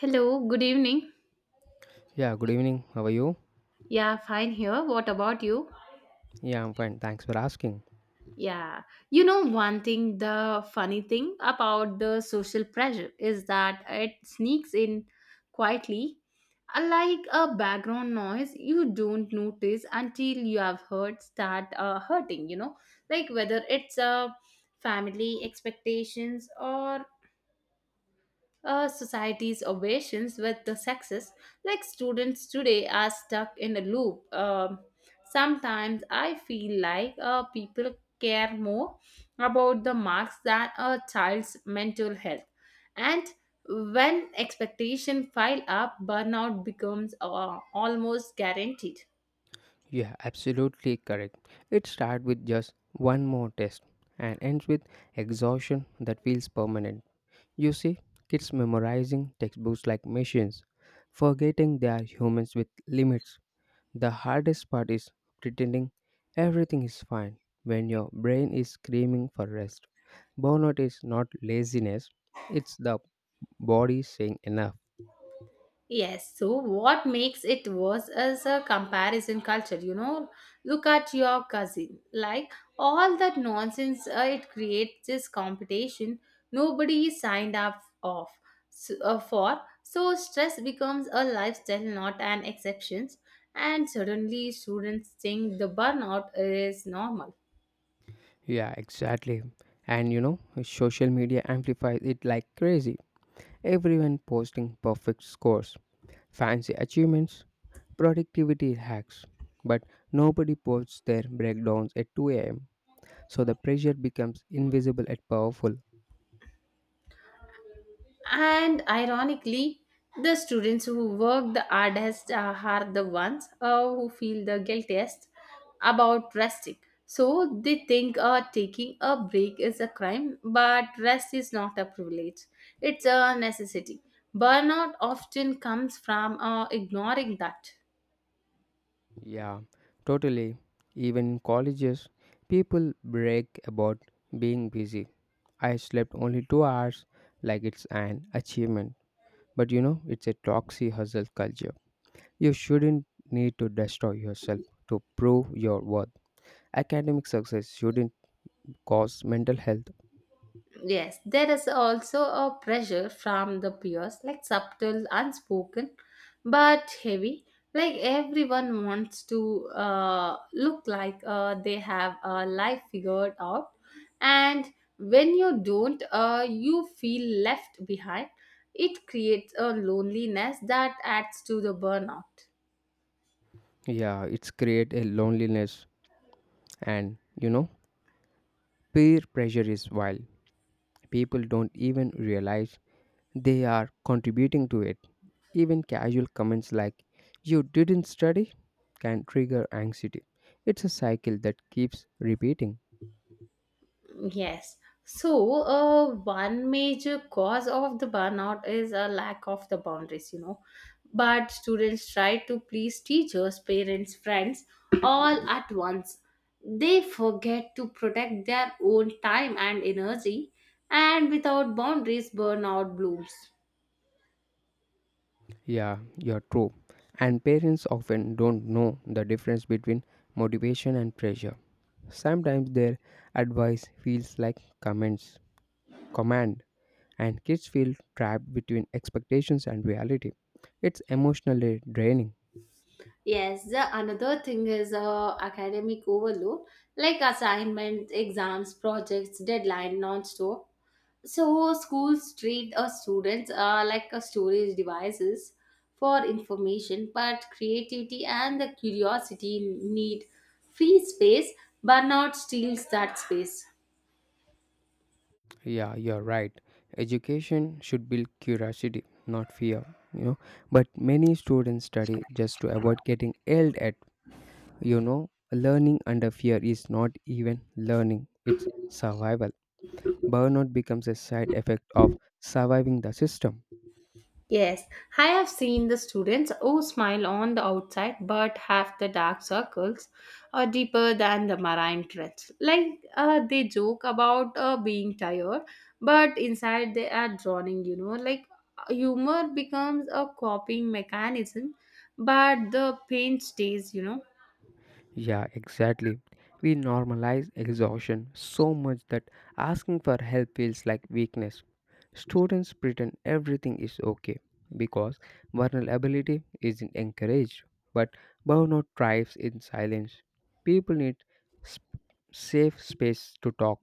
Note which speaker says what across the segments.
Speaker 1: Hello, good evening.
Speaker 2: Yeah, good evening. How are you?
Speaker 1: Yeah, fine here. What about you?
Speaker 2: Yeah, I'm fine. Thanks for asking.
Speaker 1: Yeah, you know, one thing, the funny thing about the social pressure is that it sneaks in quietly, like a background noise you don't notice until you have heard start hurting, you know, like whether it's a family expectations or society's obsessions with the sexes. Like students today are stuck in a loop. Sometimes I feel like people care more about the marks than a child's mental health. And when expectation pile up, burnout becomes almost guaranteed.
Speaker 2: Yeah, absolutely correct. It starts with just one more test and ends with exhaustion that feels permanent. You see, kids memorizing textbooks like machines, forgetting they are humans with limits. The hardest part is pretending everything is fine when your brain is screaming for rest. Burnout is not laziness, it's the body saying enough.
Speaker 1: Yes, so what makes it worse is a comparison culture. You know, look at your cousin. Like all that nonsense, it creates this competition nobody signed up of, for. So stress becomes a lifestyle, not an exception. And suddenly, students think the burnout is normal.
Speaker 2: Yeah, exactly. And you know, social media amplifies it like crazy. Everyone posting perfect scores, fancy achievements, productivity hacks. But nobody posts their breakdowns at 2 a.m. So the pressure becomes invisible and powerful.
Speaker 1: And ironically, the students who work the hardest are the ones who feel the guiltiest about resting. So they think taking a break is a crime, but rest is not a privilege, it's a necessity. Burnout often comes from ignoring that.
Speaker 2: Yeah, totally. Even in colleges, people brag about being busy. I slept only 2 hours like it's an achievement. But you know, it's a toxic hustle culture. You shouldn't need to destroy yourself to prove your worth. Academic success shouldn't cause mental health.
Speaker 1: Yes, there is also a pressure from the peers, like subtle, unspoken, but heavy. Like everyone wants to look like they have a life figured out, and when you don't, you feel left behind. It creates a loneliness that adds to the burnout.
Speaker 2: Yeah, it's create a loneliness, and you know, peer pressure is wild. People don't even realize they are contributing to it. Even casual comments like you didn't study can trigger anxiety. It's a cycle that keeps repeating.
Speaker 1: Yes. So, one major cause of the burnout is a lack of the boundaries, you know. But students try to please teachers, parents, friends all at once. They forget to protect their own time and energy, and without boundaries, burnout blooms.
Speaker 2: Yeah, you're true. And parents often don't know the difference between motivation and pressure. Sometimes their advice feels like comments, command, and kids feel trapped between expectations and reality. It's emotionally draining.
Speaker 1: Yes, the another thing is academic overload, like assignments, exams, projects, deadline, non-stop. So schools treat students like a storage devices for information, but creativity and the curiosity need free space. Burnout steals that space.
Speaker 2: Yeah, you're right. Education should build curiosity, not fear, you know. But many students study just to avoid getting yelled at. You know, learning under fear is not even learning, it's survival. Burnout becomes a side effect of surviving the system.
Speaker 1: Yes, I have seen the students who smile on the outside but have the dark circles are deeper than the marine trench. Like they joke about being tired, but inside they are drowning, you know. Like humor becomes a coping mechanism, but the pain stays, you know.
Speaker 2: Yeah, exactly. We normalize exhaustion so much that asking for help feels like weakness. Students pretend everything is okay because vulnerability isn't encouraged, but burnout thrives in silence. People need sp- safe space to talk.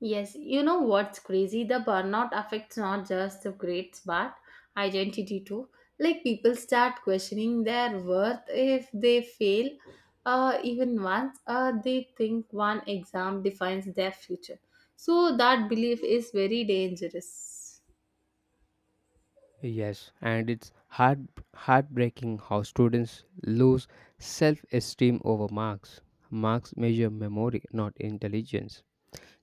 Speaker 1: Yes, you know what's crazy? The burnout affects not just the grades but identity too. Like people start questioning their worth if they fail even once, they think one exam defines their future. So that belief is very dangerous.
Speaker 2: Yes, and it's heartbreaking how students lose self-esteem over marks. Marks measure memory, not intelligence.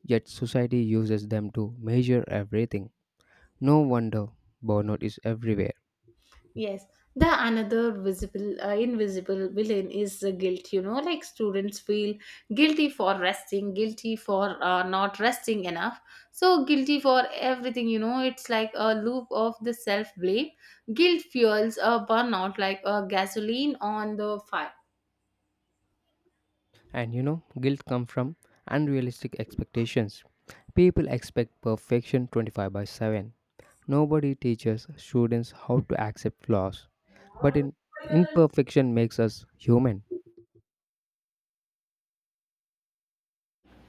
Speaker 2: Yet society uses them to measure everything. No wonder burnout is everywhere.
Speaker 1: Yes, the another visible, invisible villain is the guilt. You know, like students feel guilty for resting, guilty for not resting enough, so guilty for everything. You know, it's like a loop of the self blame. Guilt fuels a burnout like a gasoline on the fire.
Speaker 2: And you know, guilt comes from unrealistic expectations. People expect perfection 25 by 7. Nobody teaches students how to accept flaws. But in imperfection makes us human.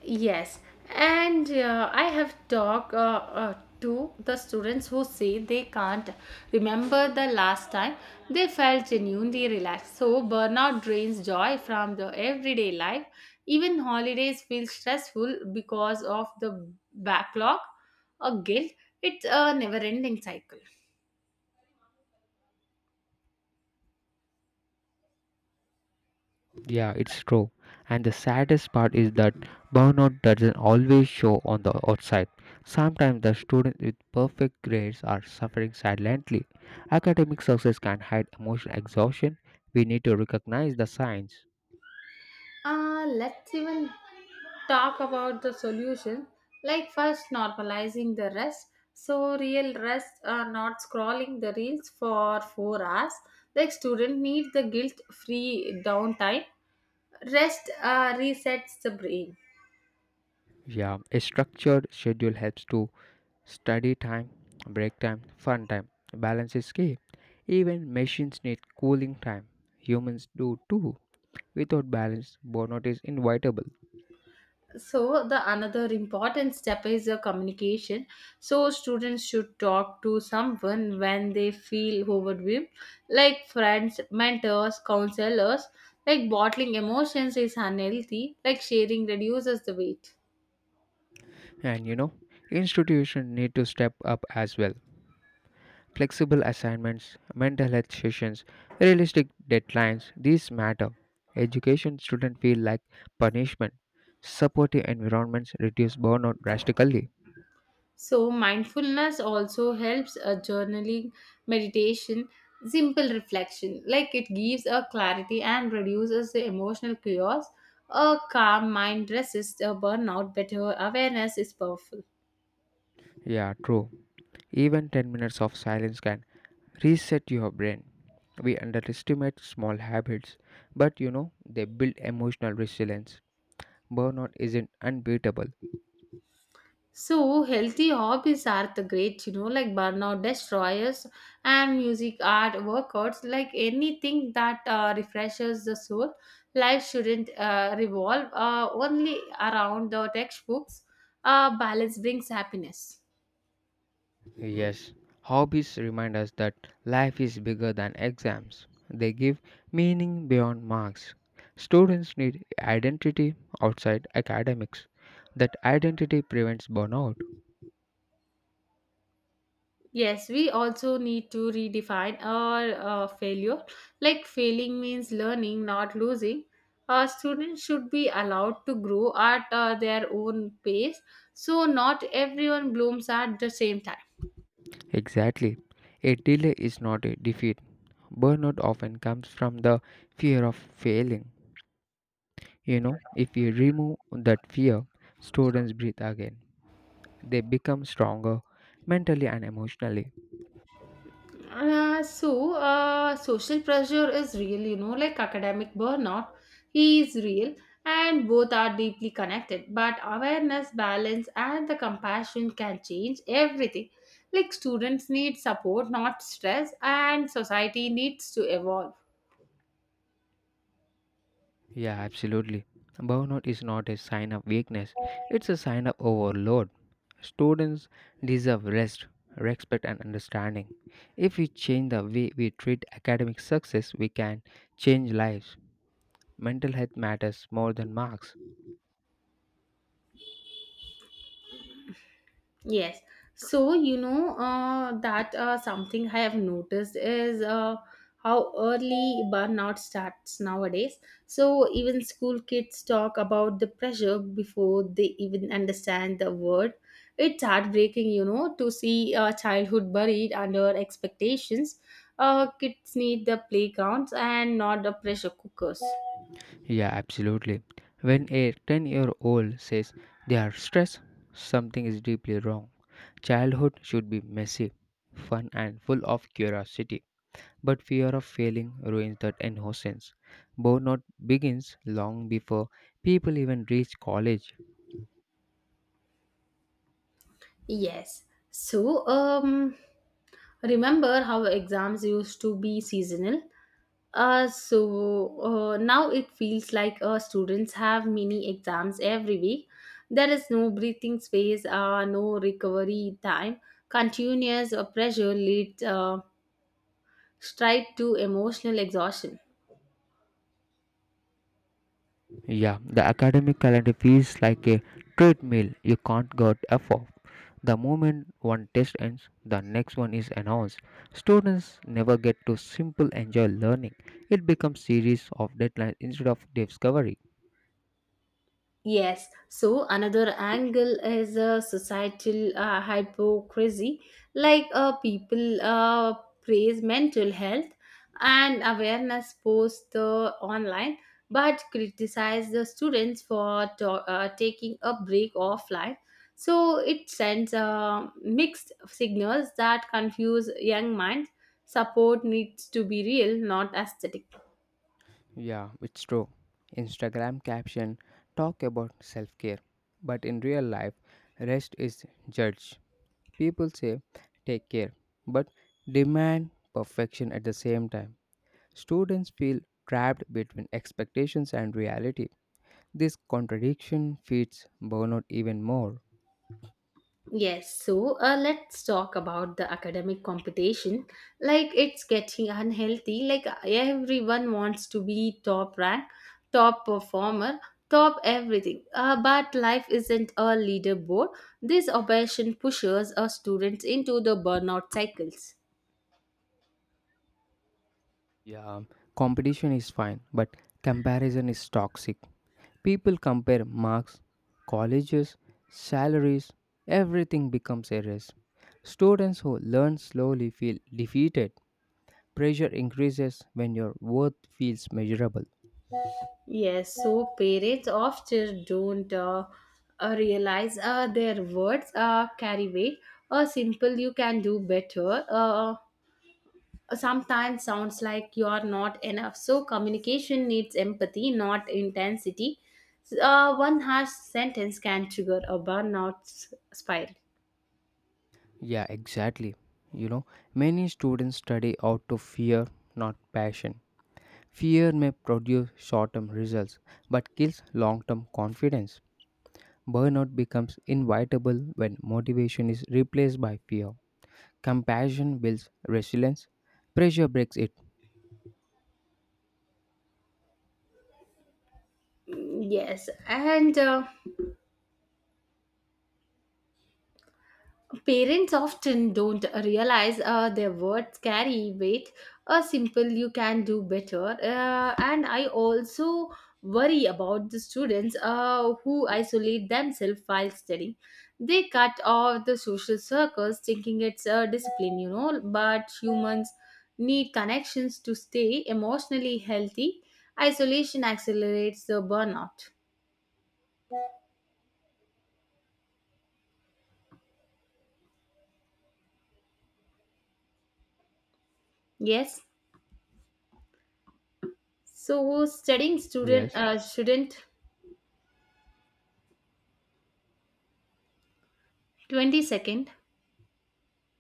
Speaker 1: Yes, and I have talked to the students who say they can't remember the last time they felt genuinely relaxed. So, burnout drains joy from the everyday life. Even holidays feel stressful because of the backlog or guilt. It's a never ending cycle.
Speaker 2: Yeah, it's true. And the saddest part is that burnout doesn't always show on the outside. Sometimes the students with perfect grades are suffering silently. Academic success can hide emotional exhaustion. We need to recognize the signs.
Speaker 1: Let's even talk about the solution. Like, first, normalizing the rest. So, real rest, not scrolling the reels for 4 hours. Like, student need the guilt free downtime. Rest Resets the brain.
Speaker 2: Yeah, a structured schedule helps to study time, break time, fun time. Balance is key. Even machines need cooling time. Humans do too. Without balance, burnout is inevitable.
Speaker 1: So the another important step is the communication, so students should talk to someone when they feel overwhelmed, like friends, mentors, counselors. Like bottling emotions is unhealthy, like sharing reduces the weight.
Speaker 2: And you know, institutions need to step up as well. Flexible assignments, mental health sessions, realistic deadlines, these matter. Education shouldn't feel like punishment. Supportive environments reduce burnout drastically.
Speaker 1: So mindfulness also helps, a journaling, meditation, simple reflection. Like it gives a clarity and reduces the emotional chaos. A calm mind resists a burnout better. Awareness is powerful.
Speaker 2: Yeah, true. Even 10 minutes of silence can reset your brain. We underestimate small habits, but you know, they build emotional resilience. Burnout isn't unbeatable.
Speaker 1: So healthy hobbies are the great, you know, like burnout destroyers, and music, art, workouts, like anything that refreshes the soul. Life shouldn't revolve only around the textbooks. Balance brings happiness.
Speaker 2: Yes, hobbies remind us that life is bigger than exams. They give meaning beyond marks. Students need identity outside academics. That identity prevents burnout.
Speaker 1: Yes, we also need to redefine our failure. Like failing means learning, not losing. Students should be allowed to grow at their own pace. So, not everyone blooms at the same time.
Speaker 2: Exactly. A delay is not a defeat. Burnout often comes from the fear of failing. You know, if you remove that fear, students breathe again. They become stronger mentally and emotionally.
Speaker 1: Social pressure is real, you know, like academic burnout is real, and both are deeply connected. But awareness, balance, and the compassion can change everything. Like, students need support, not stress, and society needs to evolve.
Speaker 2: Yeah, absolutely. Burnout is not a sign of weakness, it's a sign of overload. Students deserve rest, respect, and understanding. If we change the way we treat academic success, we can change lives. Mental health matters more than marks.
Speaker 1: Yes. So, you know, that something I have noticed is how early burnout starts nowadays. So, even school kids talk about the pressure before they even understand the word. It's heartbreaking, you know, to see childhood buried under expectations. Kids need the playgrounds and not the pressure cookers.
Speaker 2: Yeah, absolutely. When a 10-year-old says they are stressed, something is deeply wrong. Childhood should be messy, fun, and full of curiosity. But fear of failing ruins that innocence. Burnout begins long before people even reach college.
Speaker 1: Yes. So, remember how exams used to be seasonal? Now it feels like students have mini exams every week. There is no breathing space, no recovery time. Continuous pressure leads straight to emotional exhaustion.
Speaker 2: Yeah, the academic calendar feels like a treadmill you can't get off of. The moment one test ends, the next one is announced. Students never get to simple enjoy learning. It becomes series of deadlines instead of discovery.
Speaker 1: Yes, so another angle is a societal hypocrisy, like people praise mental health and awareness posts online, but criticize the students for taking a break offline. So it sends mixed signals that confuse young minds. Support needs to be real, not aesthetic.
Speaker 2: Yeah, it's true. Instagram caption talk about self-care, but in real life, rest is judged. People say take care, but demand perfection at the same time. Students feel trapped between expectations and reality. This contradiction feeds burnout even more.
Speaker 1: Yes, so let's talk about the academic competition. Like it's getting unhealthy. Like everyone wants to be top rank, top performer, top everything. But life isn't a leaderboard. This obsession pushes our students into the burnout cycles.
Speaker 2: Yeah, competition is fine, but comparison is toxic. People compare marks, colleges, salaries, everything becomes a race. Students who learn slowly feel defeated. Pressure increases when your worth feels measurable.
Speaker 1: Yes, so parents often don't realize their words carry weight. A simple "you can do better" sometimes sounds like you're not enough. So communication needs empathy, not intensity. One harsh sentence can trigger a burnout spiral.
Speaker 2: Yeah, exactly. You know, many students study out of fear, not passion. Fear may produce short term results but kills long term confidence. Burnout becomes inevitable when motivation is replaced by fear. Compassion builds resilience, pressure breaks it.
Speaker 1: Yes, and parents often don't realize their words carry weight. A simple "you can do better," and I also worry about the students who isolate themselves while studying. They cut off the social circles, thinking it's a discipline, you know. But humans need connections to stay emotionally healthy. Isolation accelerates the burnout. Yes. So studying student
Speaker 2: Yes.
Speaker 1: shouldn't twenty second.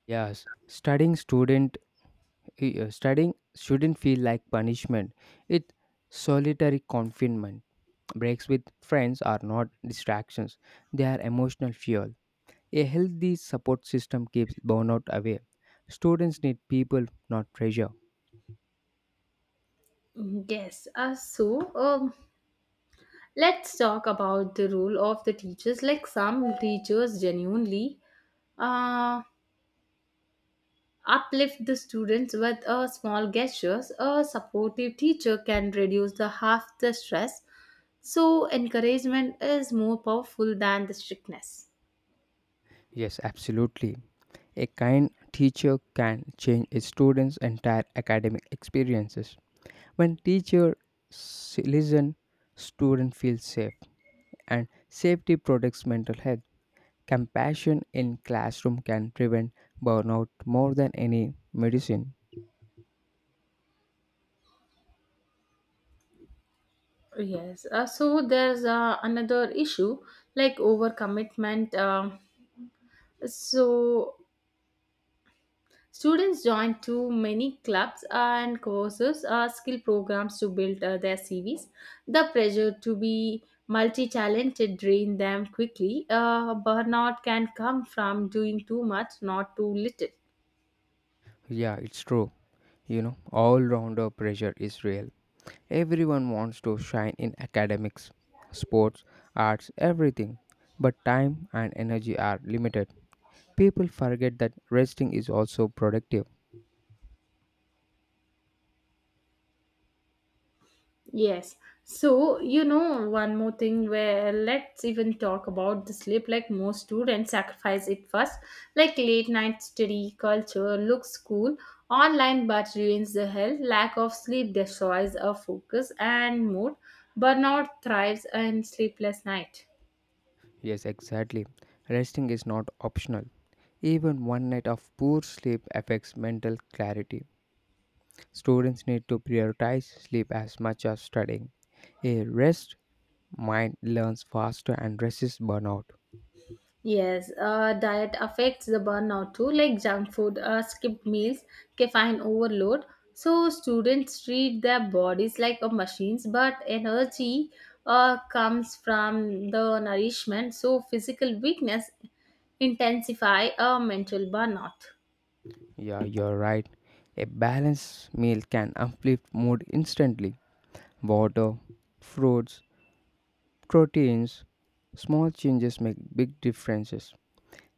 Speaker 2: Yes. Studying shouldn't feel like punishment. It's solitary confinement. Breaks with friends are not distractions, they are emotional fuel. A healthy support system keeps burnout away. Students need people, not pressure.
Speaker 1: Mhm, Yes, let's talk about the role of the teachers. Like some teachers genuinely uh, uplift the students with small gestures. A supportive teacher can reduce the half the stress. So encouragement is more powerful than the strictness.
Speaker 2: Yes, absolutely. A kind teacher can change a student's entire academic experiences. When teacher listen, student feels safe and safety protects mental health. Compassion in classroom can prevent burnout more than any medicine.
Speaker 1: Yes. So there's another issue like overcommitment. So students join too many clubs and courses or skill programs to build their CVs. The pressure to be multi talented drain them quickly. Burnout can come from doing too much, not too little.
Speaker 2: Yeah, it's true. You know, all rounder pressure is real. Everyone wants to shine in academics, sports, arts, everything. But time and energy are limited. People forget that resting is also productive.
Speaker 1: Yes. So, you know, one more thing where let's even talk about the sleep. Like most students sacrifice it first. Like late night study culture looks cool online but ruins the health. Lack of sleep destroys our focus and mood. Burnout thrives in sleepless night.
Speaker 2: Yes, exactly. Resting is not optional. Even one night of poor sleep affects mental clarity. Students need to prioritize sleep as much as studying. A rest mind learns faster and resists burnout.
Speaker 1: Yes, diet affects the burnout too, like junk food, skipped meals, caffeine overload. So students treat their bodies like a machines, but energy comes from the nourishment. So physical weakness intensify a mental burnout.
Speaker 2: Yeah, you're right. A balanced meal can uplift mood instantly. Water, fruits, proteins, small changes make big differences.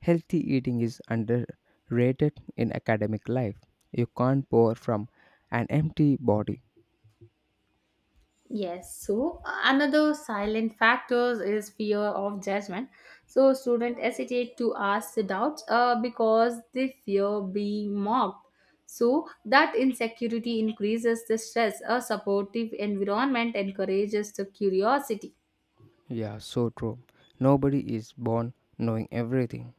Speaker 2: Healthy eating is underrated in academic life. You can't pour from an empty body.
Speaker 1: Yes, so another silent factor is fear of judgment. So students hesitate to ask the doubts because they fear being mocked. So that insecurity increases the stress. A supportive environment encourages the curiosity.
Speaker 2: Yeah, so true. Nobody is born knowing everything.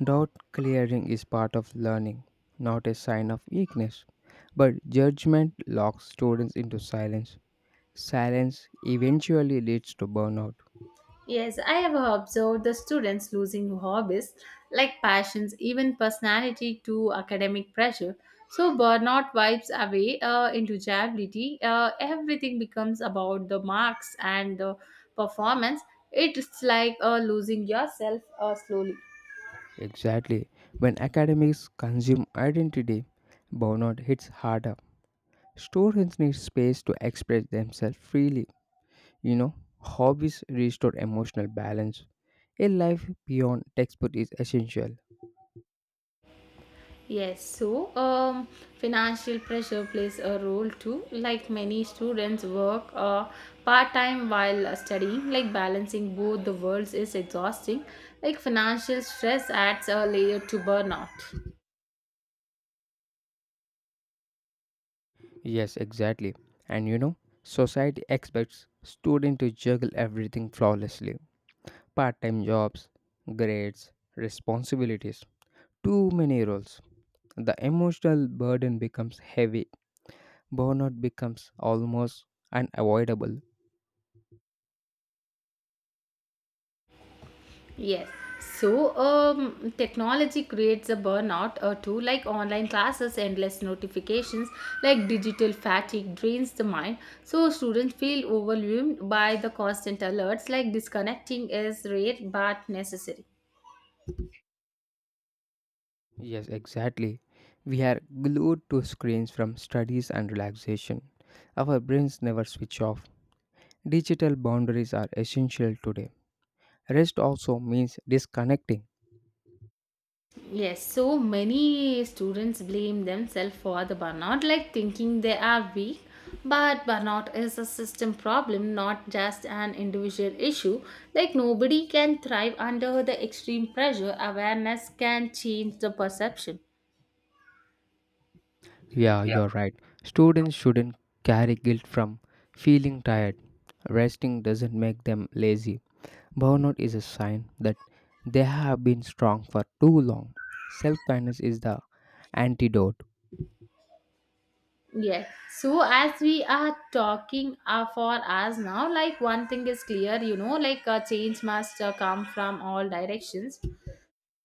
Speaker 2: Doubt clearing is part of learning, not a sign of weakness. But judgment locks students into silence. Silence eventually leads to burnout.
Speaker 1: Yes, I have observed the students losing hobbies like passions, even personality to academic pressure. So burnout wipes away into joblity. Everything becomes about the marks and the performance. It's like losing yourself slowly.
Speaker 2: Exactly. When academics consume identity, burnout hits harder. Students need space to express themselves freely. You know, hobbies restore emotional balance. A life beyond textbook is essential.
Speaker 1: Yes, financial pressure plays a role too. Like many students work part time while studying, like balancing both the worlds is exhausting. Like financial stress adds a layer to burnout.
Speaker 2: Yes, exactly. And you know, society expects students to juggle everything flawlessly, part time jobs, grades, responsibilities, too many roles. The emotional burden becomes heavy, burnout becomes almost unavoidable.
Speaker 1: Yes. So, technology creates a burnout or two, like online classes, endless notifications, like digital fatigue drains the mind. So, students feel overwhelmed by the constant alerts, like disconnecting is rare but necessary.
Speaker 2: Yes, exactly. We are glued to screens from studies and relaxation. Our brains never switch off. Digital boundaries are essential today. Rest also means disconnecting.
Speaker 1: Yes, so many students blame themselves for the burnout, like thinking they are weak. But burnout is a system problem, not just an individual issue. Like nobody can thrive under the extreme pressure. Awareness can change the perception.
Speaker 2: Yeah, you're right. Students shouldn't carry guilt from feeling tired. Resting doesn't make them lazy. Burnout is a sign that they have been strong for too long. Self kindness is the antidote.
Speaker 1: Yes. So as we are talking for us now, like one thing is clear, you know, like a change must come from all directions.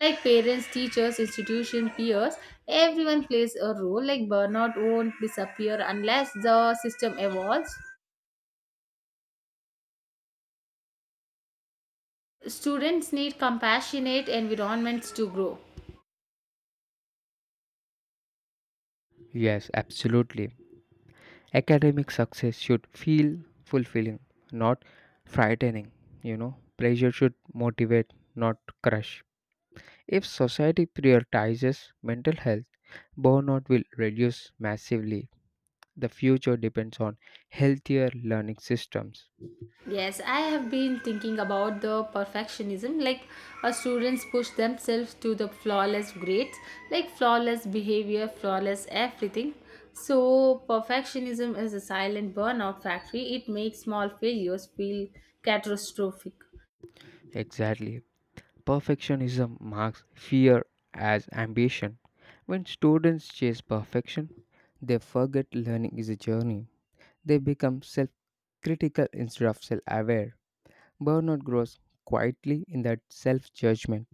Speaker 1: Like parents, teachers, institution, peers, everyone plays a role. Like burnout won't disappear unless the system evolves. Students need compassionate environments to grow.
Speaker 2: Yes, absolutely. Academic success should feel fulfilling, not frightening. You know, pressure should motivate, not crush. If society prioritizes mental health, burnout will reduce massively. The future depends on healthier learning systems.
Speaker 1: Yes, I have been thinking about the perfectionism. Like, students push themselves to the flawless grades, like flawless behavior, flawless everything. So, perfectionism is a silent burnout factory. It makes small failures feel catastrophic.
Speaker 2: Exactly. Perfectionism marks fear as ambition. When students chase perfection, they forget learning is a journey. They become self critical instead of self aware. Burnout grows quietly in that self judgment.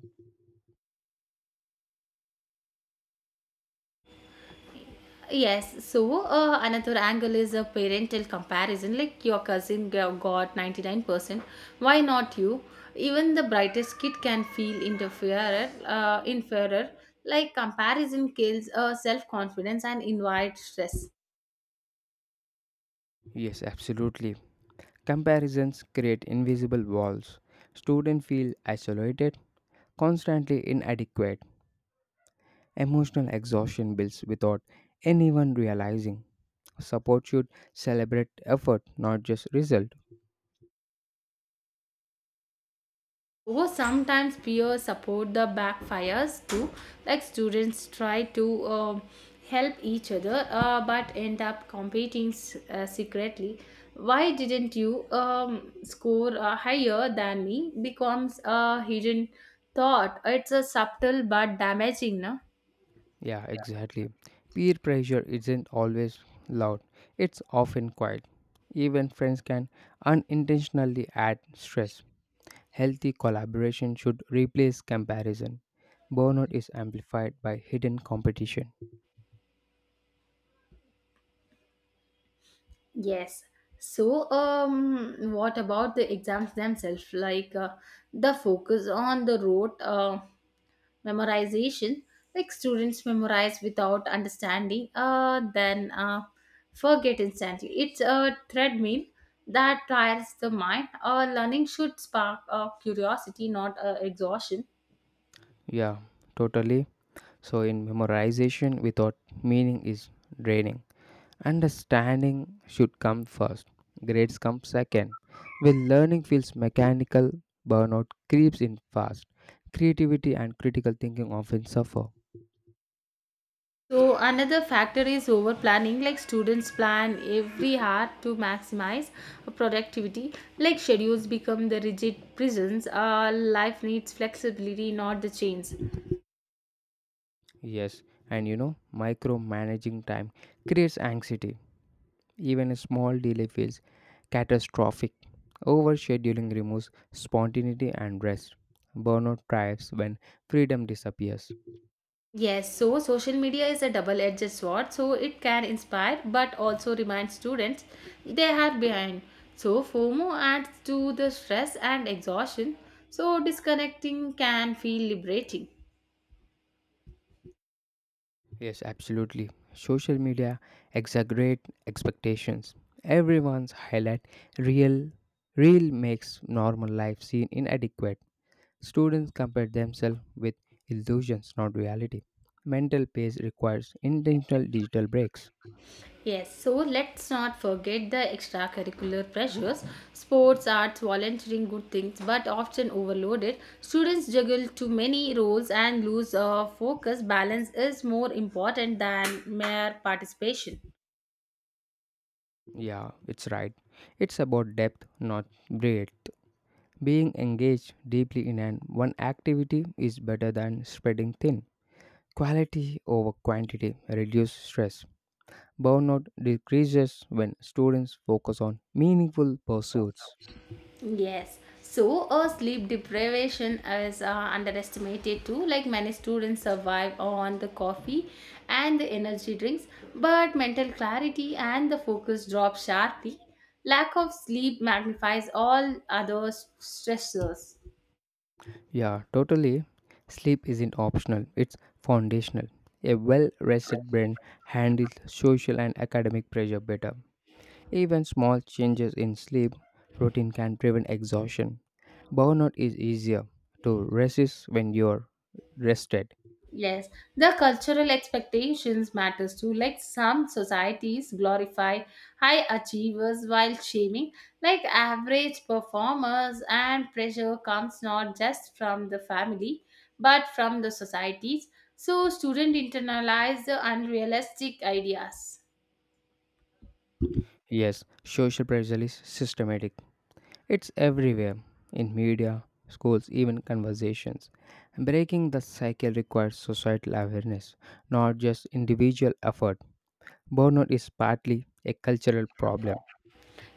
Speaker 1: Yes, so another angle is a parental comparison. Like your got 99%, why not you? Even the brightest kid can feel inferior. Like comparison kills self confidence and invites stress.
Speaker 2: Yes, absolutely. Comparisons create invisible walls. Students feel isolated, constantly inadequate. Emotional exhaustion builds without anyone realizing. Support should celebrate effort, not just result.
Speaker 1: Oh, sometimes peer support the backfires too. Like students try to help each other, but end up competing secretly. Why didn't you score higher than me? Becomes a hidden thought. It's a subtle but damaging, no?
Speaker 2: Yeah, exactly. Peer pressure isn't always loud, it's often quiet. Even friends can unintentionally add stress. Healthy collaboration should replace comparison. Burnout is amplified by hidden competition.
Speaker 1: Yes. So, what about the exams themselves? Like the focus on the rote, memorization, like students memorize without understanding then forget instantly. It's a treadmill that tires the mind. Learning should spark curiosity, not exhaustion.
Speaker 2: Yeah, totally. So, in memorization without meaning is draining. Understanding should come first, grades come second. When learning feels mechanical, burnout creeps in fast. Creativity and critical thinking often suffer.
Speaker 1: So another factor is over planning, like students plan every hour to maximize productivity. Like schedules become the rigid prisons. Life needs flexibility, not the chains.
Speaker 2: Yes, and you know, micromanaging time creates anxiety. Even a small delay feels catastrophic. Overscheduling removes spontaneity and rest. Burnout thrives when freedom disappears.
Speaker 1: Yes, so social media is a double edged sword. So it can inspire but also remind students they are behind. So FOMO adds to the stress and exhaustion. So disconnecting can feel liberating.
Speaker 2: Yes, absolutely. Social media exaggerate expectations. Everyone's highlight real real makes normal life seem inadequate. Students compare themselves with illusions, not reality. Mental pace requires intentional digital breaks.
Speaker 1: Yes, so let's not forget the extracurricular pressures. Sports, arts, volunteering, good things, but often overloaded. Students juggle too many roles and lose focus. Balance is more important than mere participation.
Speaker 2: Yeah, it's right. It's about depth, not breadth. Being engaged deeply in an one activity is better than spreading thin. Quality over quantity reduces stress. Burnout decreases when students focus on meaningful pursuits.
Speaker 1: Yes. So, sleep deprivation is underestimated too. Like many students survive on the coffee and the energy drinks, but mental clarity and the focus drop sharply. Lack of sleep magnifies all other stressors.
Speaker 2: Yeah, totally. Sleep isn't optional, it's foundational. A well rested brain handles social and academic pressure better. Even small changes in sleep routine can prevent exhaustion. Burnout is easier to resist when you're rested.
Speaker 1: Yes, the cultural expectations matters too. Like some societies glorify high achievers while shaming like average performers, and pressure comes not just from the family but from the societies. So students internalize the unrealistic ideas.
Speaker 2: Yes, social pressure is systematic. It's everywhere in media, schools, even conversations. Breaking the cycle requires societal awareness, not just individual effort. Burnout is partly a cultural problem.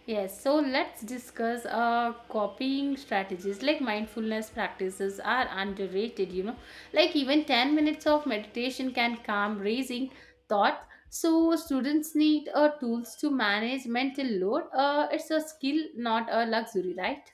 Speaker 1: Yes, so let's discuss copying strategies, like mindfulness practices are underrated, you know. Like even 10 minutes of meditation can calm raising thoughts. So students need tools to manage mental load. It's a skill, not a luxury, right?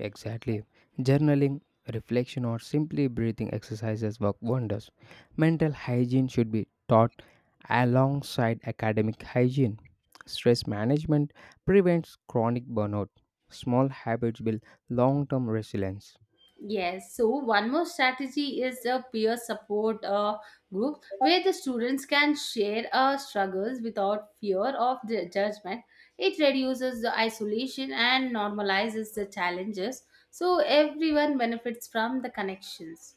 Speaker 2: Exactly. Journaling, reflection, or simply breathing exercises work wonders. Mental hygiene should be taught alongside academic hygiene. Stress management prevents chronic burnout. Small habits build long term resilience.
Speaker 1: Yes, so one more strategy is a peer support group where the students can share struggles without fear of the judgment. It reduces the isolation and normalizes the challenges, so everyone benefits from the connections.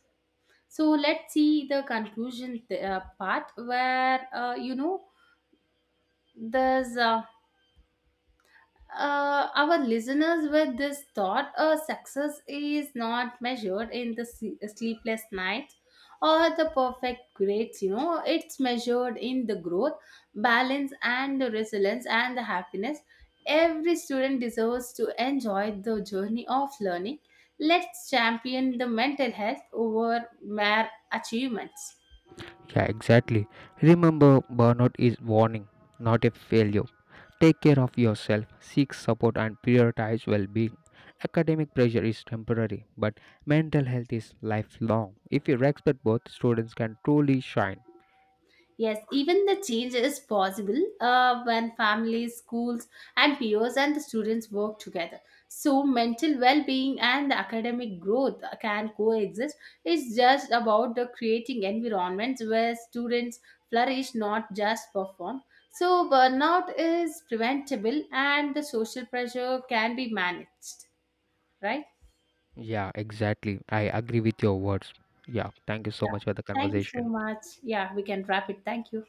Speaker 1: So let's see the conclusion part where you know, there's our listeners with this thought. Success is not measured in the sleepless nights or the perfect grades, you know. It's measured in the growth, balance, and the resilience, and the happiness. Every student deserves to enjoy the journey of learning. Let's champion the mental health over mere achievements.
Speaker 2: Yeah, exactly. Remember, burnout is warning, not a failure. Take care of yourself, seek support, and prioritize well being. Academic pressure is temporary, but mental health is lifelong. If you respect both, students can truly shine.
Speaker 1: Yes, even the change is possible when families, schools, and peers and the students work together. So, mental well being and the academic growth can coexist. It's just about the creating environments where students flourish, not just perform. So, burnout is preventable and the social pressure can be managed, right?
Speaker 2: Yeah, exactly. I agree with your words. Yeah, thank you so
Speaker 1: Yeah.
Speaker 2: much for the
Speaker 1: Thank you so
Speaker 2: conversation.
Speaker 1: much. Yeah, we can wrap it. Thank you.